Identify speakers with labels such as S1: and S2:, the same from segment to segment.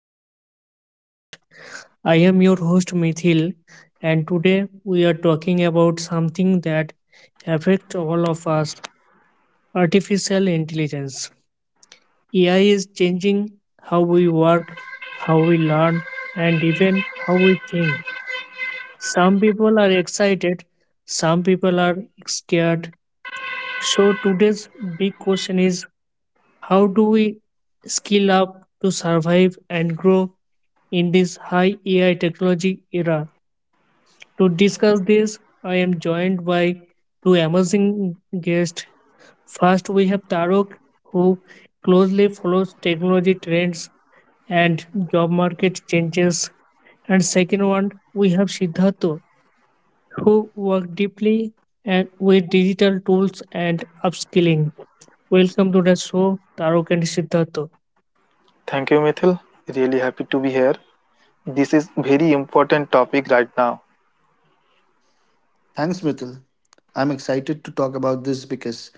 S1: of our podcast. I am your host, Mithil, and today we are talking about something that affects all of us, artificial intelligence. AI is changing how we work, how we learn, and even how we think. Some people are excited, some people are scared. So, today's big question is, how do we skill up to survive and grow in this high AI technology era? To discuss this, I am joined by two amazing guests. First, we have Tarok, who closely follows technology trends and job market changes. And second one, we have Siddhartha, who works deeply and with digital tools and upskilling. Welcome to the show, Tarok and Siddhartha.
S2: Thank you, Mithil. Really happy to be here. This is very important topic right now.
S3: Thanks, Mithil. I'm excited to talk about this because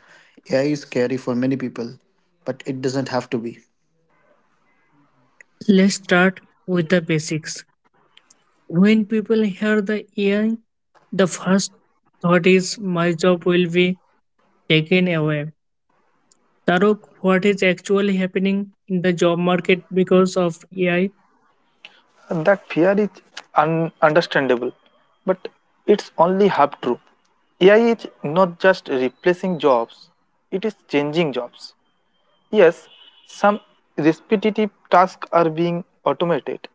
S3: AI is scary for many people, but it doesn't have to be.
S1: Let's start with the basics. When people hear the AI, the first thought is my job will be taken away. Tarok, what is actually happening in the job market because of AI?
S2: That fear is understandable, but it's only half true. AI is not just replacing jobs; it is changing jobs. Yes, some repetitive tasks are being automated,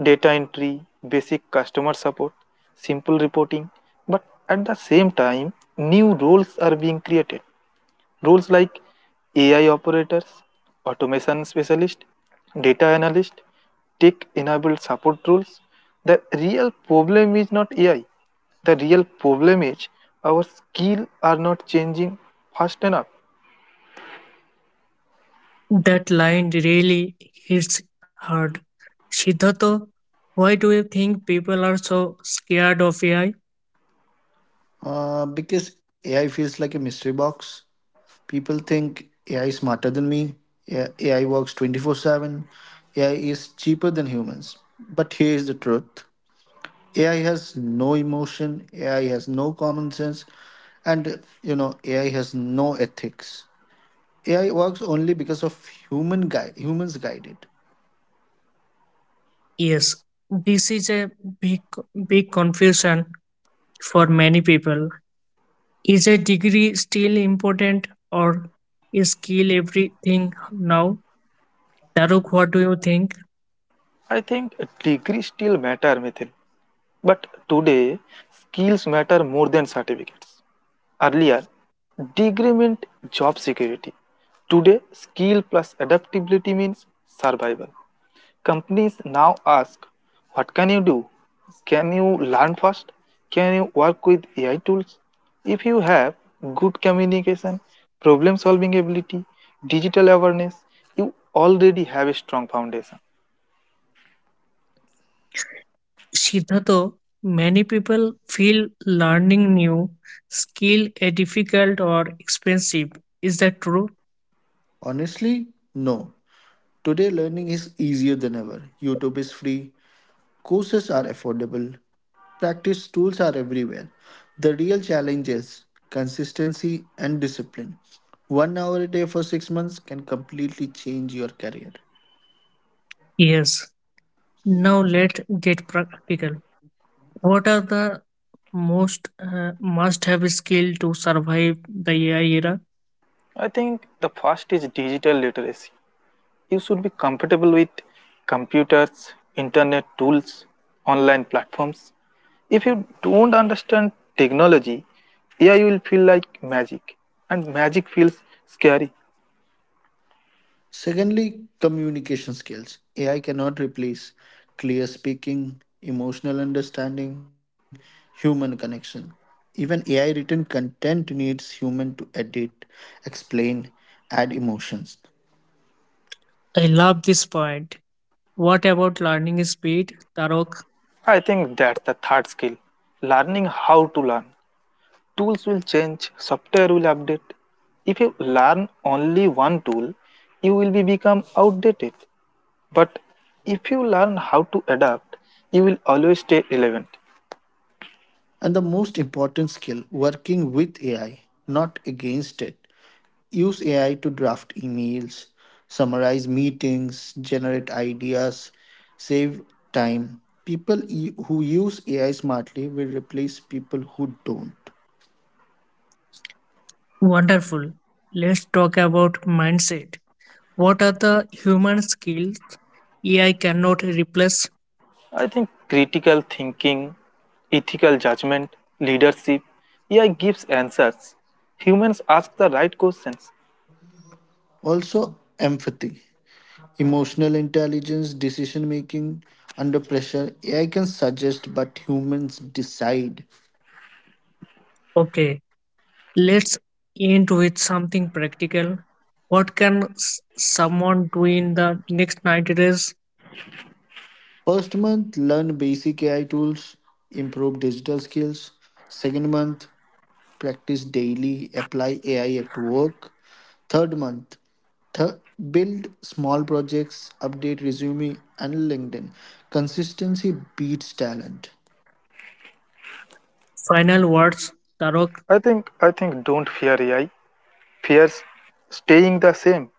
S2: data entry, basic customer support, simple reporting, but at the same time, new roles are being created. Roles like AI operators, automation specialist, data analyst, tech enabled support roles. The real problem is not AI. The real problem is our skills are not changing fast enough.
S1: That line really hits hard. Siddhartha, why do you think people are so scared of AI?
S3: Because AI feels like a mystery box. People think AI is smarter than me, AI works 24/7, AI is cheaper than humans. But here's the truth: AI has no emotion, AI has no common sense, and AI has no ethics. AI works only because of humans guided.
S1: Yes, this is a big, big confusion for many people. Is a degree still important or is skill everything now? Taruk, what do you think?
S2: I think degree still matter Mithil, but today skills matter more than certificate. Earlier, degree meant job security. Today, skill plus adaptability means survival. Companies now ask, what can you do? Can you learn fast? Can you work with AI tools? If you have good communication, problem solving ability, digital awareness, you already have a strong foundation.
S1: Siddhartha, many people feel learning new skill is difficult or expensive. Is that true?
S3: Honestly, no. Today, learning is easier than ever. YouTube is free, courses are affordable, practice tools are everywhere. The real challenge is consistency and discipline. 1 hour a day for 6 months can completely change your career.
S1: Yes. Now let's get practical. What are the most must-have skill to survive the AI era?
S2: I think the first is digital literacy. You should be comfortable with computers, internet tools, online platforms. If you don't understand technology, AI will feel like magic, and magic feels scary.
S3: Secondly, communication skills. AI cannot replace clear speaking, emotional understanding, human connection. Even AI written content needs human to edit, explain, add emotions.
S1: I love this point. What about learning speed, Tarok?
S2: I think that's the third skill, learning how to learn. Tools will change, software will update. If you learn only one tool, you will be become outdated. But if you learn how to adapt, you will always stay relevant.
S3: And the most important skill, working with AI, not against it. Use AI to draft emails, summarize meetings, generate ideas, save time. Who use AI smartly will replace people who don't.
S1: Wonderful. Let's talk about mindset. What are the human skills AI cannot replace?
S2: I think critical thinking, ethical judgment, leadership, AI gives answers. Humans ask the right questions.
S3: Also, empathy, emotional intelligence, decision making under pressure. AI can suggest, but humans decide.
S1: Okay, let's end with something practical. What can someone do in the next 90 days?
S3: First month, learn basic AI tools, improve digital skills. Second month, practice daily, apply AI at work. Third month, Th- build small projects, update resume and LinkedIn. Consistency beats talent.
S1: Final words, Tarok.
S2: I think don't fear AI. Fears staying the same.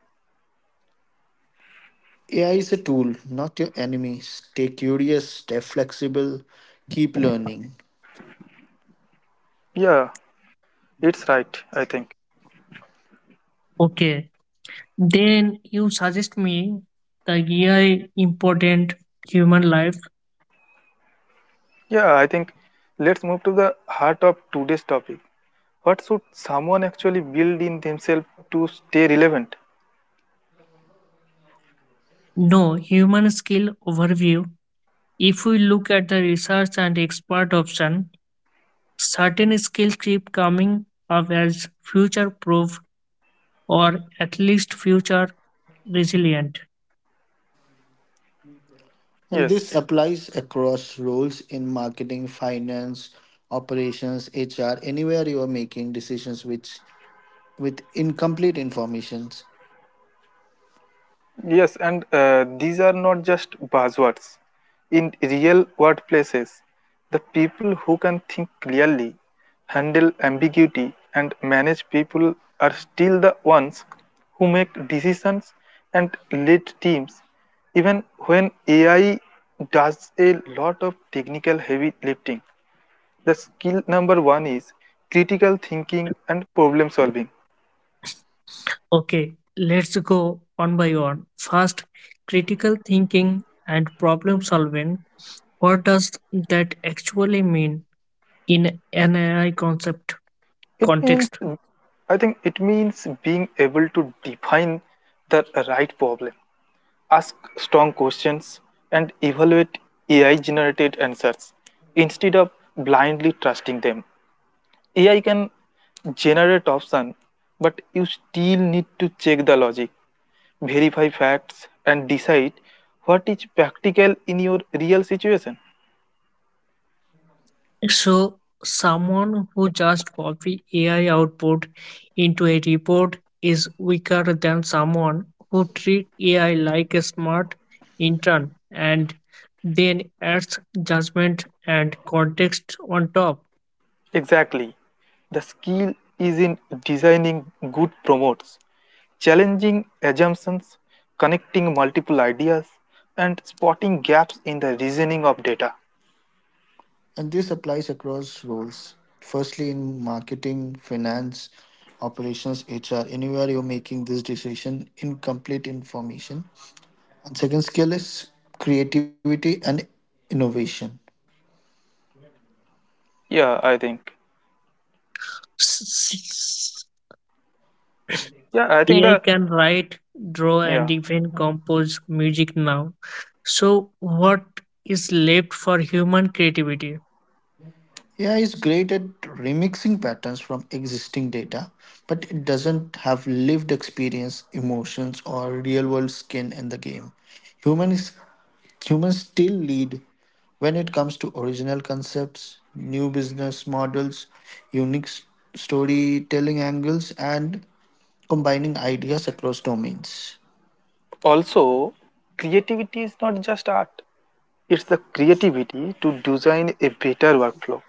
S3: AI is a tool, not your enemy. Stay curious, stay flexible, keep learning.
S2: Yeah, it's right, I think.
S1: Okay, then you suggest me the AI important human life.
S2: Yeah, I think let's move to the heart of today's topic. What should someone actually build in themselves to stay relevant?
S1: No, human skill overview. If we look at the research and expert option, certain skills keep coming up as future proof or at least future resilient.
S3: And this
S2: Yes.
S3: applies across roles in marketing, finance, operations, HR, anywhere you are making decisions which with incomplete informations.
S2: Yes, and these are not just buzzwords. In real workplaces, the people who can think clearly, handle ambiguity, and manage people are still the ones who make decisions and lead teams, even when AI does a lot of technical heavy lifting. The skill number one is critical thinking and problem solving.
S1: Okay, let's go one by one. First, critical thinking and problem solving. What does that actually mean in an AI concept
S2: It means,
S1: context?
S2: I think it means being able to define the right problem, ask strong questions, and evaluate AI generated answers instead of blindly trusting them. AI can generate options, but you still need to check the logic, verify facts, and decide what is practical in your real situation.
S1: So, someone who just copy AI output into a report is weaker than someone who treat AI like a smart intern and then adds judgment and context on top.
S2: Exactly. The skill is in designing good promotes, challenging assumptions, connecting multiple ideas, and spotting gaps in the reasoning of data.
S3: And this applies across roles. Firstly, in marketing, finance, operations, HR, anywhere you're making this decision, incomplete information. And second skill is creativity and innovation.
S2: Yeah, I think. Yeah, I think
S1: AI
S2: the
S1: can write, draw, and
S2: yeah.
S1: even compose music now. So, what is left for human creativity?
S3: AI is great at remixing patterns from existing data, but it doesn't have lived experience, emotions, or real world skin in the game. Humans. Humans still lead when it comes to original concepts, new business models, unique s- storytelling angles, and combining ideas across domains.
S2: Also, creativity is not just art, it's the creativity to design a better workflow,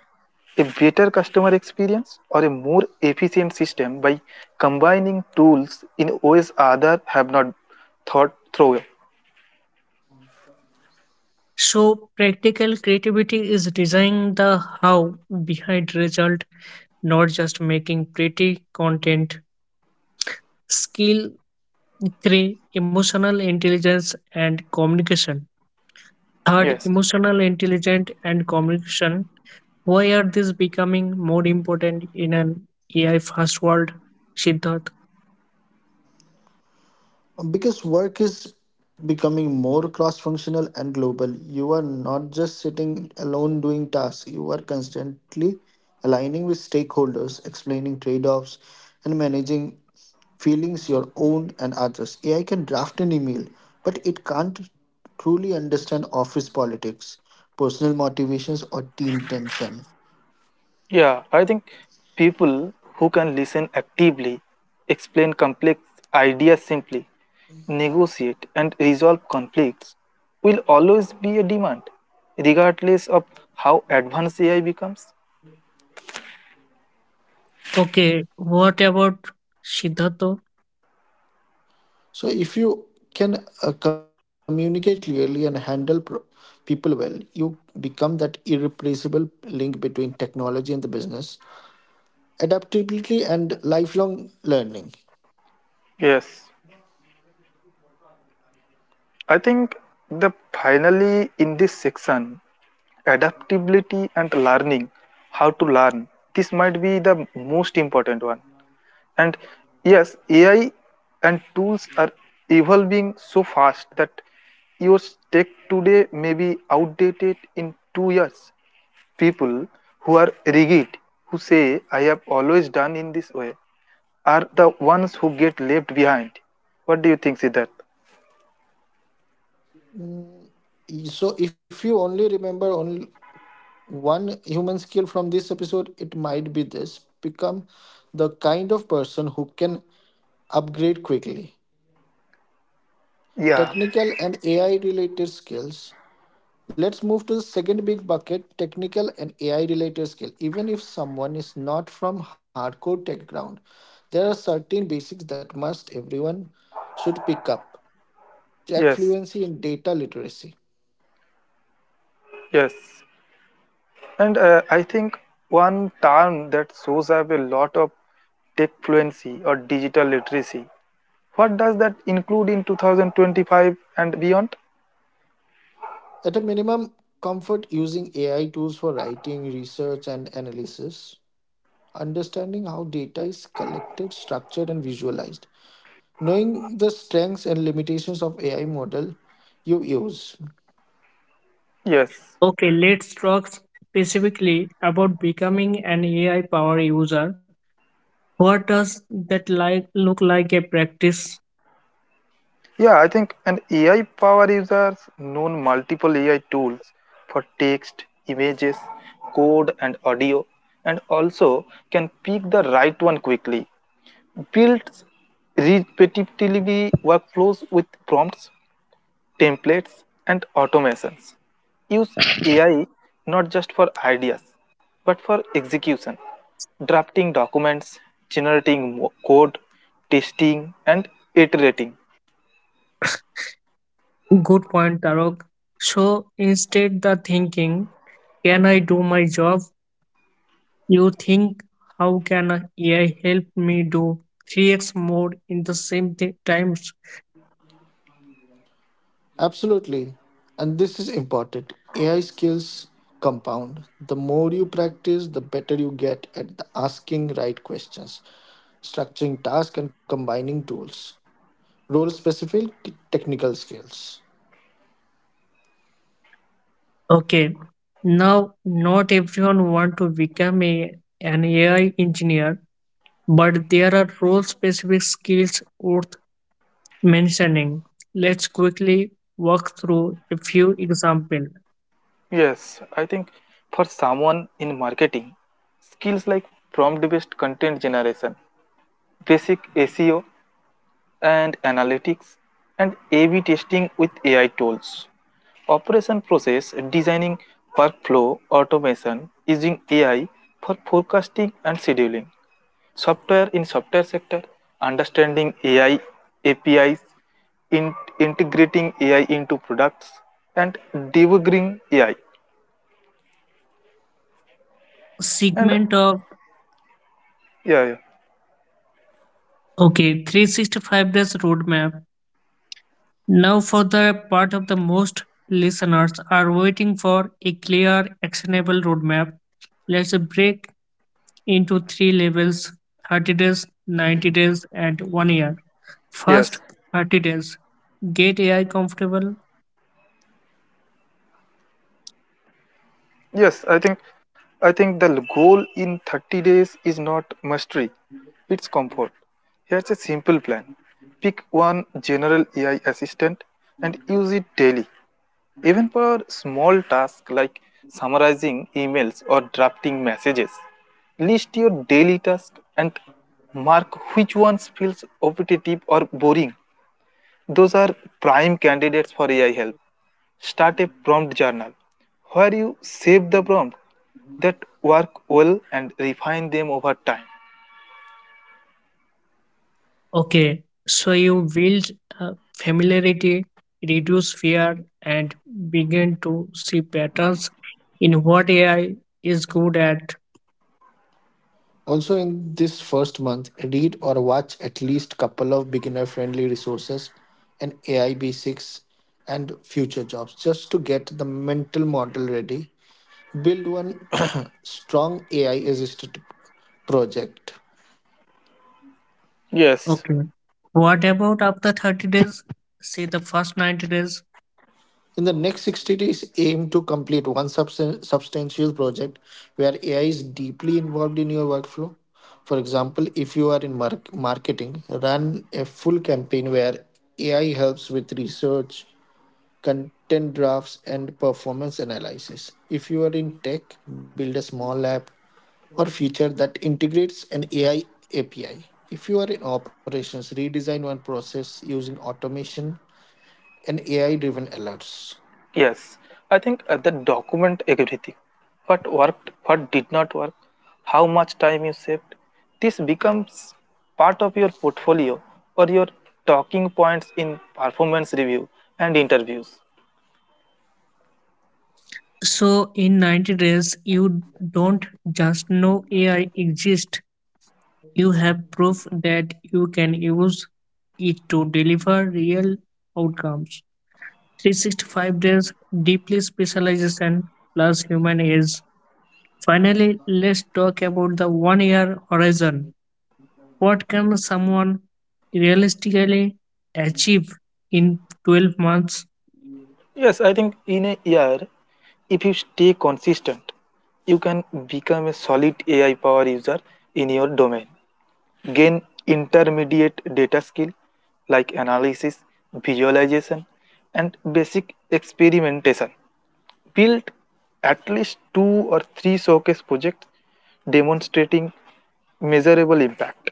S2: a better customer experience, or a more efficient system by combining tools in ways others have not thought through.
S1: So, practical creativity is designing the how behind result, not just making pretty content. Skill three, emotional intelligence and communication. Third,
S2: Yes.
S1: emotional intelligence and communication. Why are these becoming more important in an AI fast world? Siddharth.
S3: Because work is becoming more cross-functional and global, you are not just sitting alone doing tasks. You are constantly aligning with stakeholders, explaining trade-offs, and managing feelings, your own and others. AI can draft an email, but it can't truly understand office politics, personal motivations, or team tension.
S2: Yeah, I think people who can listen actively, explain complex ideas simply, negotiate and resolve conflicts will always be a demand, regardless of how advanced AI becomes.
S1: Okay, what about Siddhartho?
S3: So if you can communicate clearly and handle people well, you become that irreplaceable link between technology and the business. Adaptability and lifelong learning.
S2: Yes, I think the finally in this section, adaptability and learning, how to learn. This might be the most important one. And yes, AI and tools are evolving so fast that your tech today may be outdated in 2 years. People who are rigid, who say, I have always done in this way, are the ones who get left behind. What do you think, Siddharth?
S3: So if you only remember only one human skill from this episode, it might be this: become the kind of person who can upgrade quickly.
S2: Yeah.
S3: Technical and AI related skills. Let's move to the second big bucket: technical and AI related skill. Even if someone is not from hardcore tech ground, there are certain basics that must everyone should pick up. Tech
S2: Yes.
S3: fluency and data literacy.
S2: Yes, and I think one term that shows up a lot of tech fluency or digital literacy. What does that include in 2025 and beyond?
S3: At a minimum, comfort using AI tools for writing, research, and analysis. Understanding how data is collected, structured, and visualized. Knowing the strengths and limitations of AI model you use.
S2: Yes.
S1: Okay, let's talk specifically about becoming an AI power user. What does that like look like a practice?
S2: Yeah, I think an AI power users known multiple AI tools for text, images, code, and audio, and also can pick the right one quickly. Builds repetitively workflows with prompts templates, and automations. Use AI not just for ideas but for execution, drafting documents, generating code, testing, and iterating.
S1: Good point, Tarok. So instead the thinking, can I do my job? You think, how can a AI help me do 3x more in the same times?
S3: Absolutely. And this is important. AI skills compound. The more you practice, the better you get at the asking right questions, structuring tasks, and combining tools. Role specific technical skills.
S1: Okay. Now not everyone want to become an AI engineer, but there are role specific skills worth mentioning. Let's quickly walk through a few examples.
S2: Yes, I think for someone in marketing, skills like prompt based content generation, basic SEO, and analytics and A/B testing with AI tools. Operation process designing workflow automation using AI for forecasting and scheduling. Software in software sector understanding AI APIs, in- integrating AI into products and debugging AI. And
S1: Segment of,
S2: yeah, yeah,
S1: okay, 365 days roadmap. Now for the part of the, most listeners are waiting for a clear actionable roadmap. Let's break into three levels: 30 days, 90 days, and 1 year. First
S2: yes.
S1: 30 days, get AI comfortable.
S2: Yes, I think the goal in 30 days is not mastery, it's comfort. Here's a simple plan. Pick one general AI assistant and use it daily. Even for small tasks like summarizing emails or drafting messages, list your daily tasks and mark which ones feels repetitive or boring. Those are prime candidates for AI help. Start a prompt journal where you save the prompt that work well and refine them over time.
S1: Okay, so you build familiarity, reduce fear, and begin to see patterns in what AI is good at.
S3: Also, in this first month, read or watch at least couple of beginner friendly resources and AI basics and future jobs just to get the mental model ready. Build one strong AI assisted project.
S2: Yes.
S1: Okay, what about after 30 days? Say the first 90 days.
S3: In the next 60 days, aim to complete one substantial project where AI is deeply involved in your workflow. For example, if you are in marketing, run a full campaign where AI helps with research, content drafts, and performance analysis. If you are in tech, build a small app or feature that integrates an AI API. If you are in operations, redesign one process using automation and AI driven alerts.
S2: Yes, I think that document everything. What worked, what did not work, how much time you saved. This becomes part of your portfolio or your talking points in performance review and interviews.
S1: So, in 90 days, you don't just know AI exists, you have proof that you can use it to deliver real outcomes. 365 days, deeply specialization plus human age. Finally, let's talk about the 1 year horizon. What can someone realistically achieve in 12 months?
S2: Yes, I think in a year, if you stay consistent, you can become a solid AI power user in your domain. Gain intermediate data skill like analysis, visualization, and basic experimentation. Build at least 2 or 3 showcase projects demonstrating measurable impact.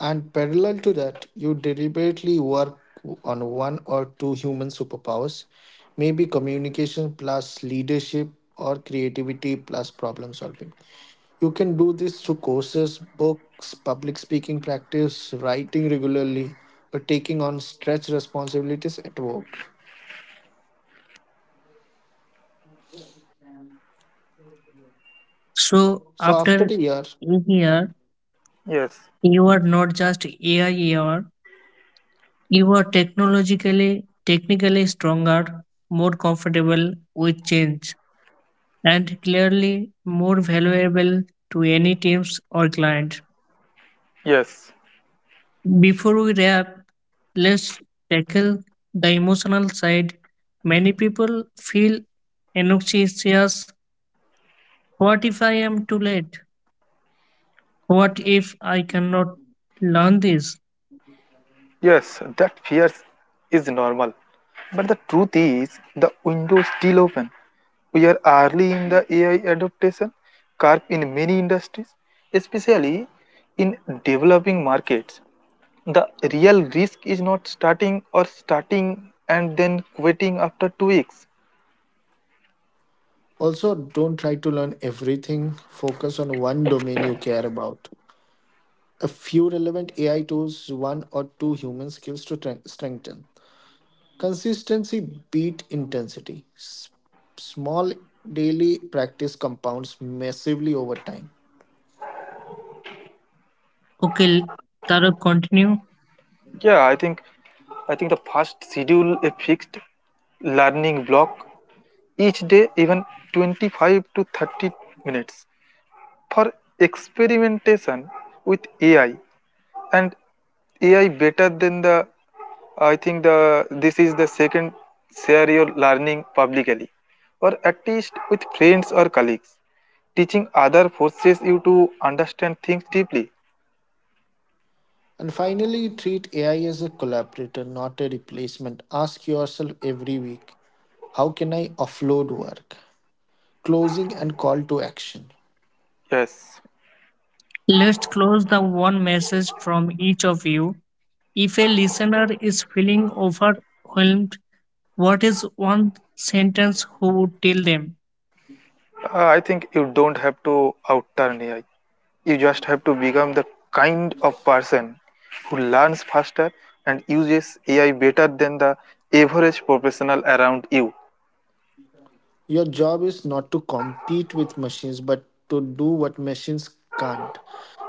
S3: And parallel to that, you deliberately work on one or two human superpowers, maybe communication plus leadership or creativity plus problem solving. You can do this through courses, books, public speaking practice, writing regularly, or taking on stretch responsibilities at work.
S1: So,
S3: So after
S1: after
S3: a year,
S1: a year,
S2: Yes,
S1: you are not just AI, you are technologically, technically stronger, more comfortable with change, and clearly more valuable to any teams or client.
S2: yes.
S1: Before we wrap, let's tackle the emotional side. Many people feel anxious. What if I am too late? What if I cannot learn this?
S2: Yes, that fear is normal. But the truth is, the window is still open. We are early in the AI adaptation curve in many industries, especially in developing markets. The real risk is not starting or starting and then quitting after 2 weeks.
S3: also don't try to learn everything. Focus on one domain you care about. A few relevant AI tools, one or two human skills to strengthen. Consistency beat intensity. Small daily practice compounds massively over time.
S1: Okay, Tarab, continue.
S2: Yeah, I think the first schedule a fixed learning block each day, even 25 to 30 minutes. For experimentation with AI and AI better than the I think the this is the second scenario learning publicly or at least with friends or colleagues. Teaching other forces you to understand things deeply.
S3: And finally, treat AI as a collaborator, not a replacement. Ask yourself every week, how can I offload work? Closing and call to action.
S2: Yes.
S1: Let's close the one message from each of you. If a listener is feeling overwhelmed, what is one sentence who would tell them?
S2: I think you don't have to outturn AI. You just have to become the kind of person who learns faster and uses AI better than the average professional around you.
S3: Your job is not to compete with machines, but to do what machines can't: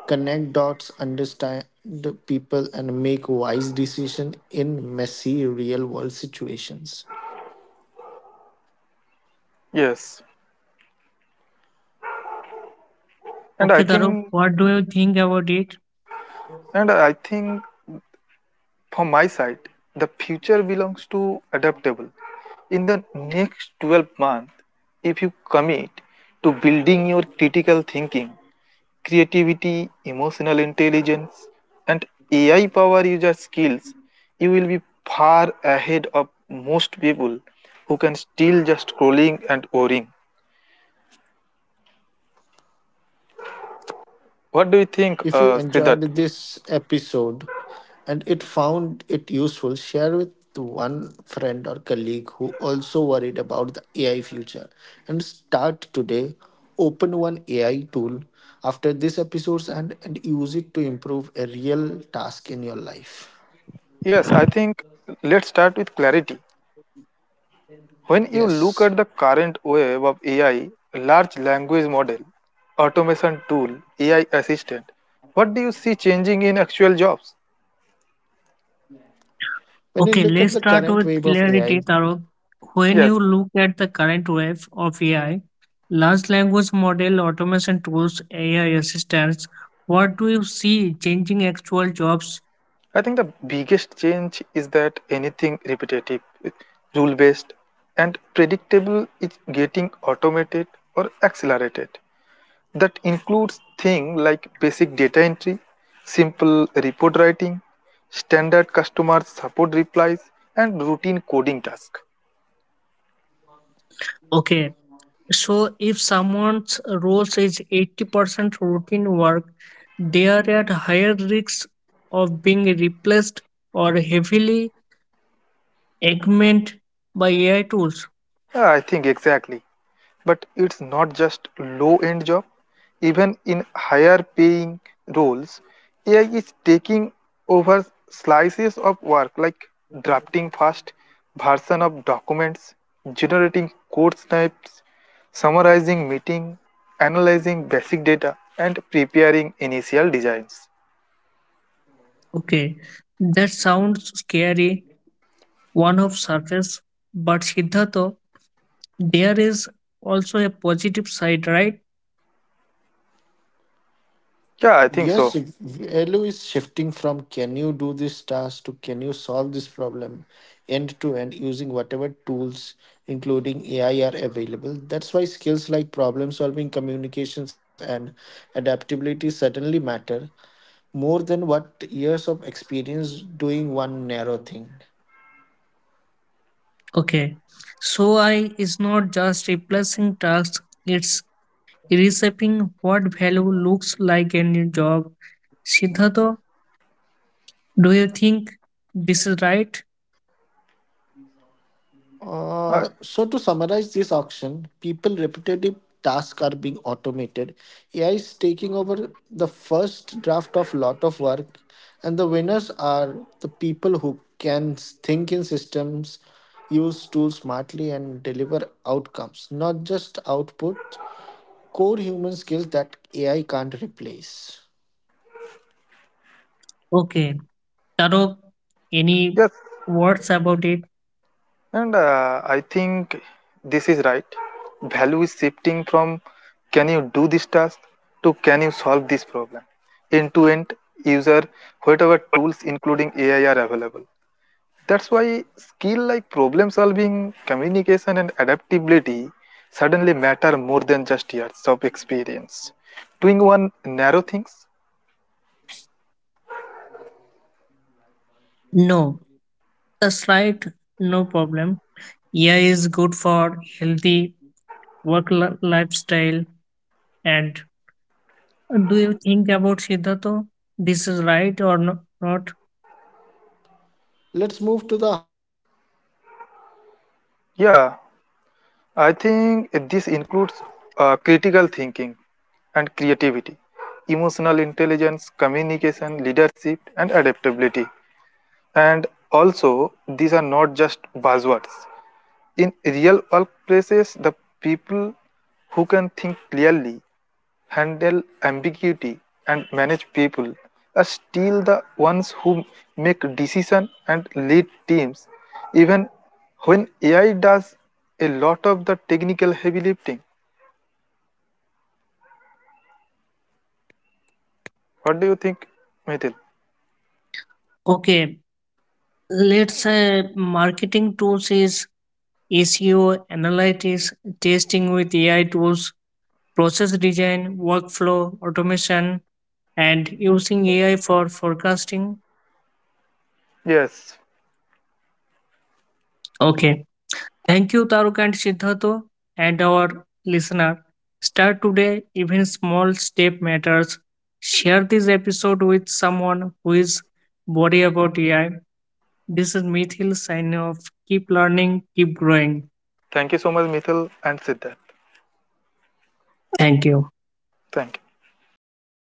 S3: connect dots, understand the people, and make wise decisions in messy real world situations.
S2: Yes, and I
S1: Okay, Tarab,
S2: think
S1: what do you think about it?
S2: and I think from my side, the future belongs to adaptable. In the next 12 months, if you commit to building your critical thinking, creativity, emotional intelligence, and AI power user skills, you will be far ahead of most people who can still just scrolling and worrying. What do you think,
S3: If you
S2: Siddharth?
S3: enjoyed this episode and it found it useful, share with one friend or colleague who also worried about the AI future and start today. Open one AI tool after this episodes and use it to improve a real task in your life.
S2: Yes, I think let's start with clarity. When you look
S3: Yes.
S2: at the current wave of AI, large language model, automation tool, AI assistant, what do you see changing in actual jobs?
S3: When you
S1: Okay,
S3: look at
S1: let's
S3: the
S1: start
S3: current
S1: with
S3: wave of
S1: clarity,
S3: AI,
S1: Tarok. When you
S2: Yes,
S1: look at the current wave of AI, large language model, automation tools, AI assistants, what do you see changing actual jobs?
S2: I think the biggest change is that anything repetitive, rule based, and predictable is getting automated or accelerated. That includes things like basic data entry, simple report writing, standard customer support replies, and routine coding tasks.
S1: Okay, so if someone's role is 80% routine work, they are at higher risk of being replaced or heavily augmented by AI tools.
S2: Yeah, I think exactly. But it's not just low end job. Even in higher paying roles, AI is taking over slices of work like drafting fast version of documents, generating code snippets, summarizing meeting, analyzing basic data, and preparing initial designs.
S1: Okay, that sounds scary one of surface, but Siddhartha, there is also a positive side, right?
S2: Yeah, I think so.
S3: yes, value is shifting from can you do this task to can you solve this problem end to end using whatever tools, including AI, are available. That's why skills like problem solving, communications, and adaptability suddenly matter more than what years of experience doing one narrow thing.
S1: Okay, so I is not just replacing tasks, it's reshaping what value looks like in your job. Siddhartha, do you think this is right?
S2: Uh,
S3: So to summarize this auction, people repetitive tasks are being automated. AI is taking over the first draft of lot of work, and the winners are the people who can think in systems, use tools smartly, and deliver outcomes, not just output. Core human skills that AI can't replace.
S1: Okay, Tarok, any
S2: yes,
S1: words about it?
S2: and I think this is right. Value is shifting from can you do this task to can you solve this problem. End to end user, whatever tools including AI are available. That's why skill like problem solving, communication, and adaptability suddenly matter more than just years of experience. Doing one narrow things,
S1: No, that's right. No problem. Yeah, is good for healthy work lifestyle and. Do you think about Siddhartha? This is right or not?
S3: Let's move to the
S2: yeah, I think this includes critical thinking and creativity, emotional intelligence, communication, leadership, and adaptability. And also, these are not just buzzwords, in real workplaces, the people who can think clearly, handle ambiguity, and manage people are still the ones who make decisions and lead teams, even when AI does a lot of the technical heavy lifting. What do you think, Mithil?
S1: Okay, let's say marketing tools is SEO, analytics, testing with AI tools, process design, workflow, automation, and using AI for forecasting.
S2: Yes.
S1: Okay, thank you, Taruk and Siddhartha, and our listener. Start today, even small step matters. Share this episode with someone who is worried about AI. This is Mithil signing off. Keep learning, keep growing.
S2: Thank you so much, Mithil and Siddharth.
S1: Thank you.
S2: Thank you.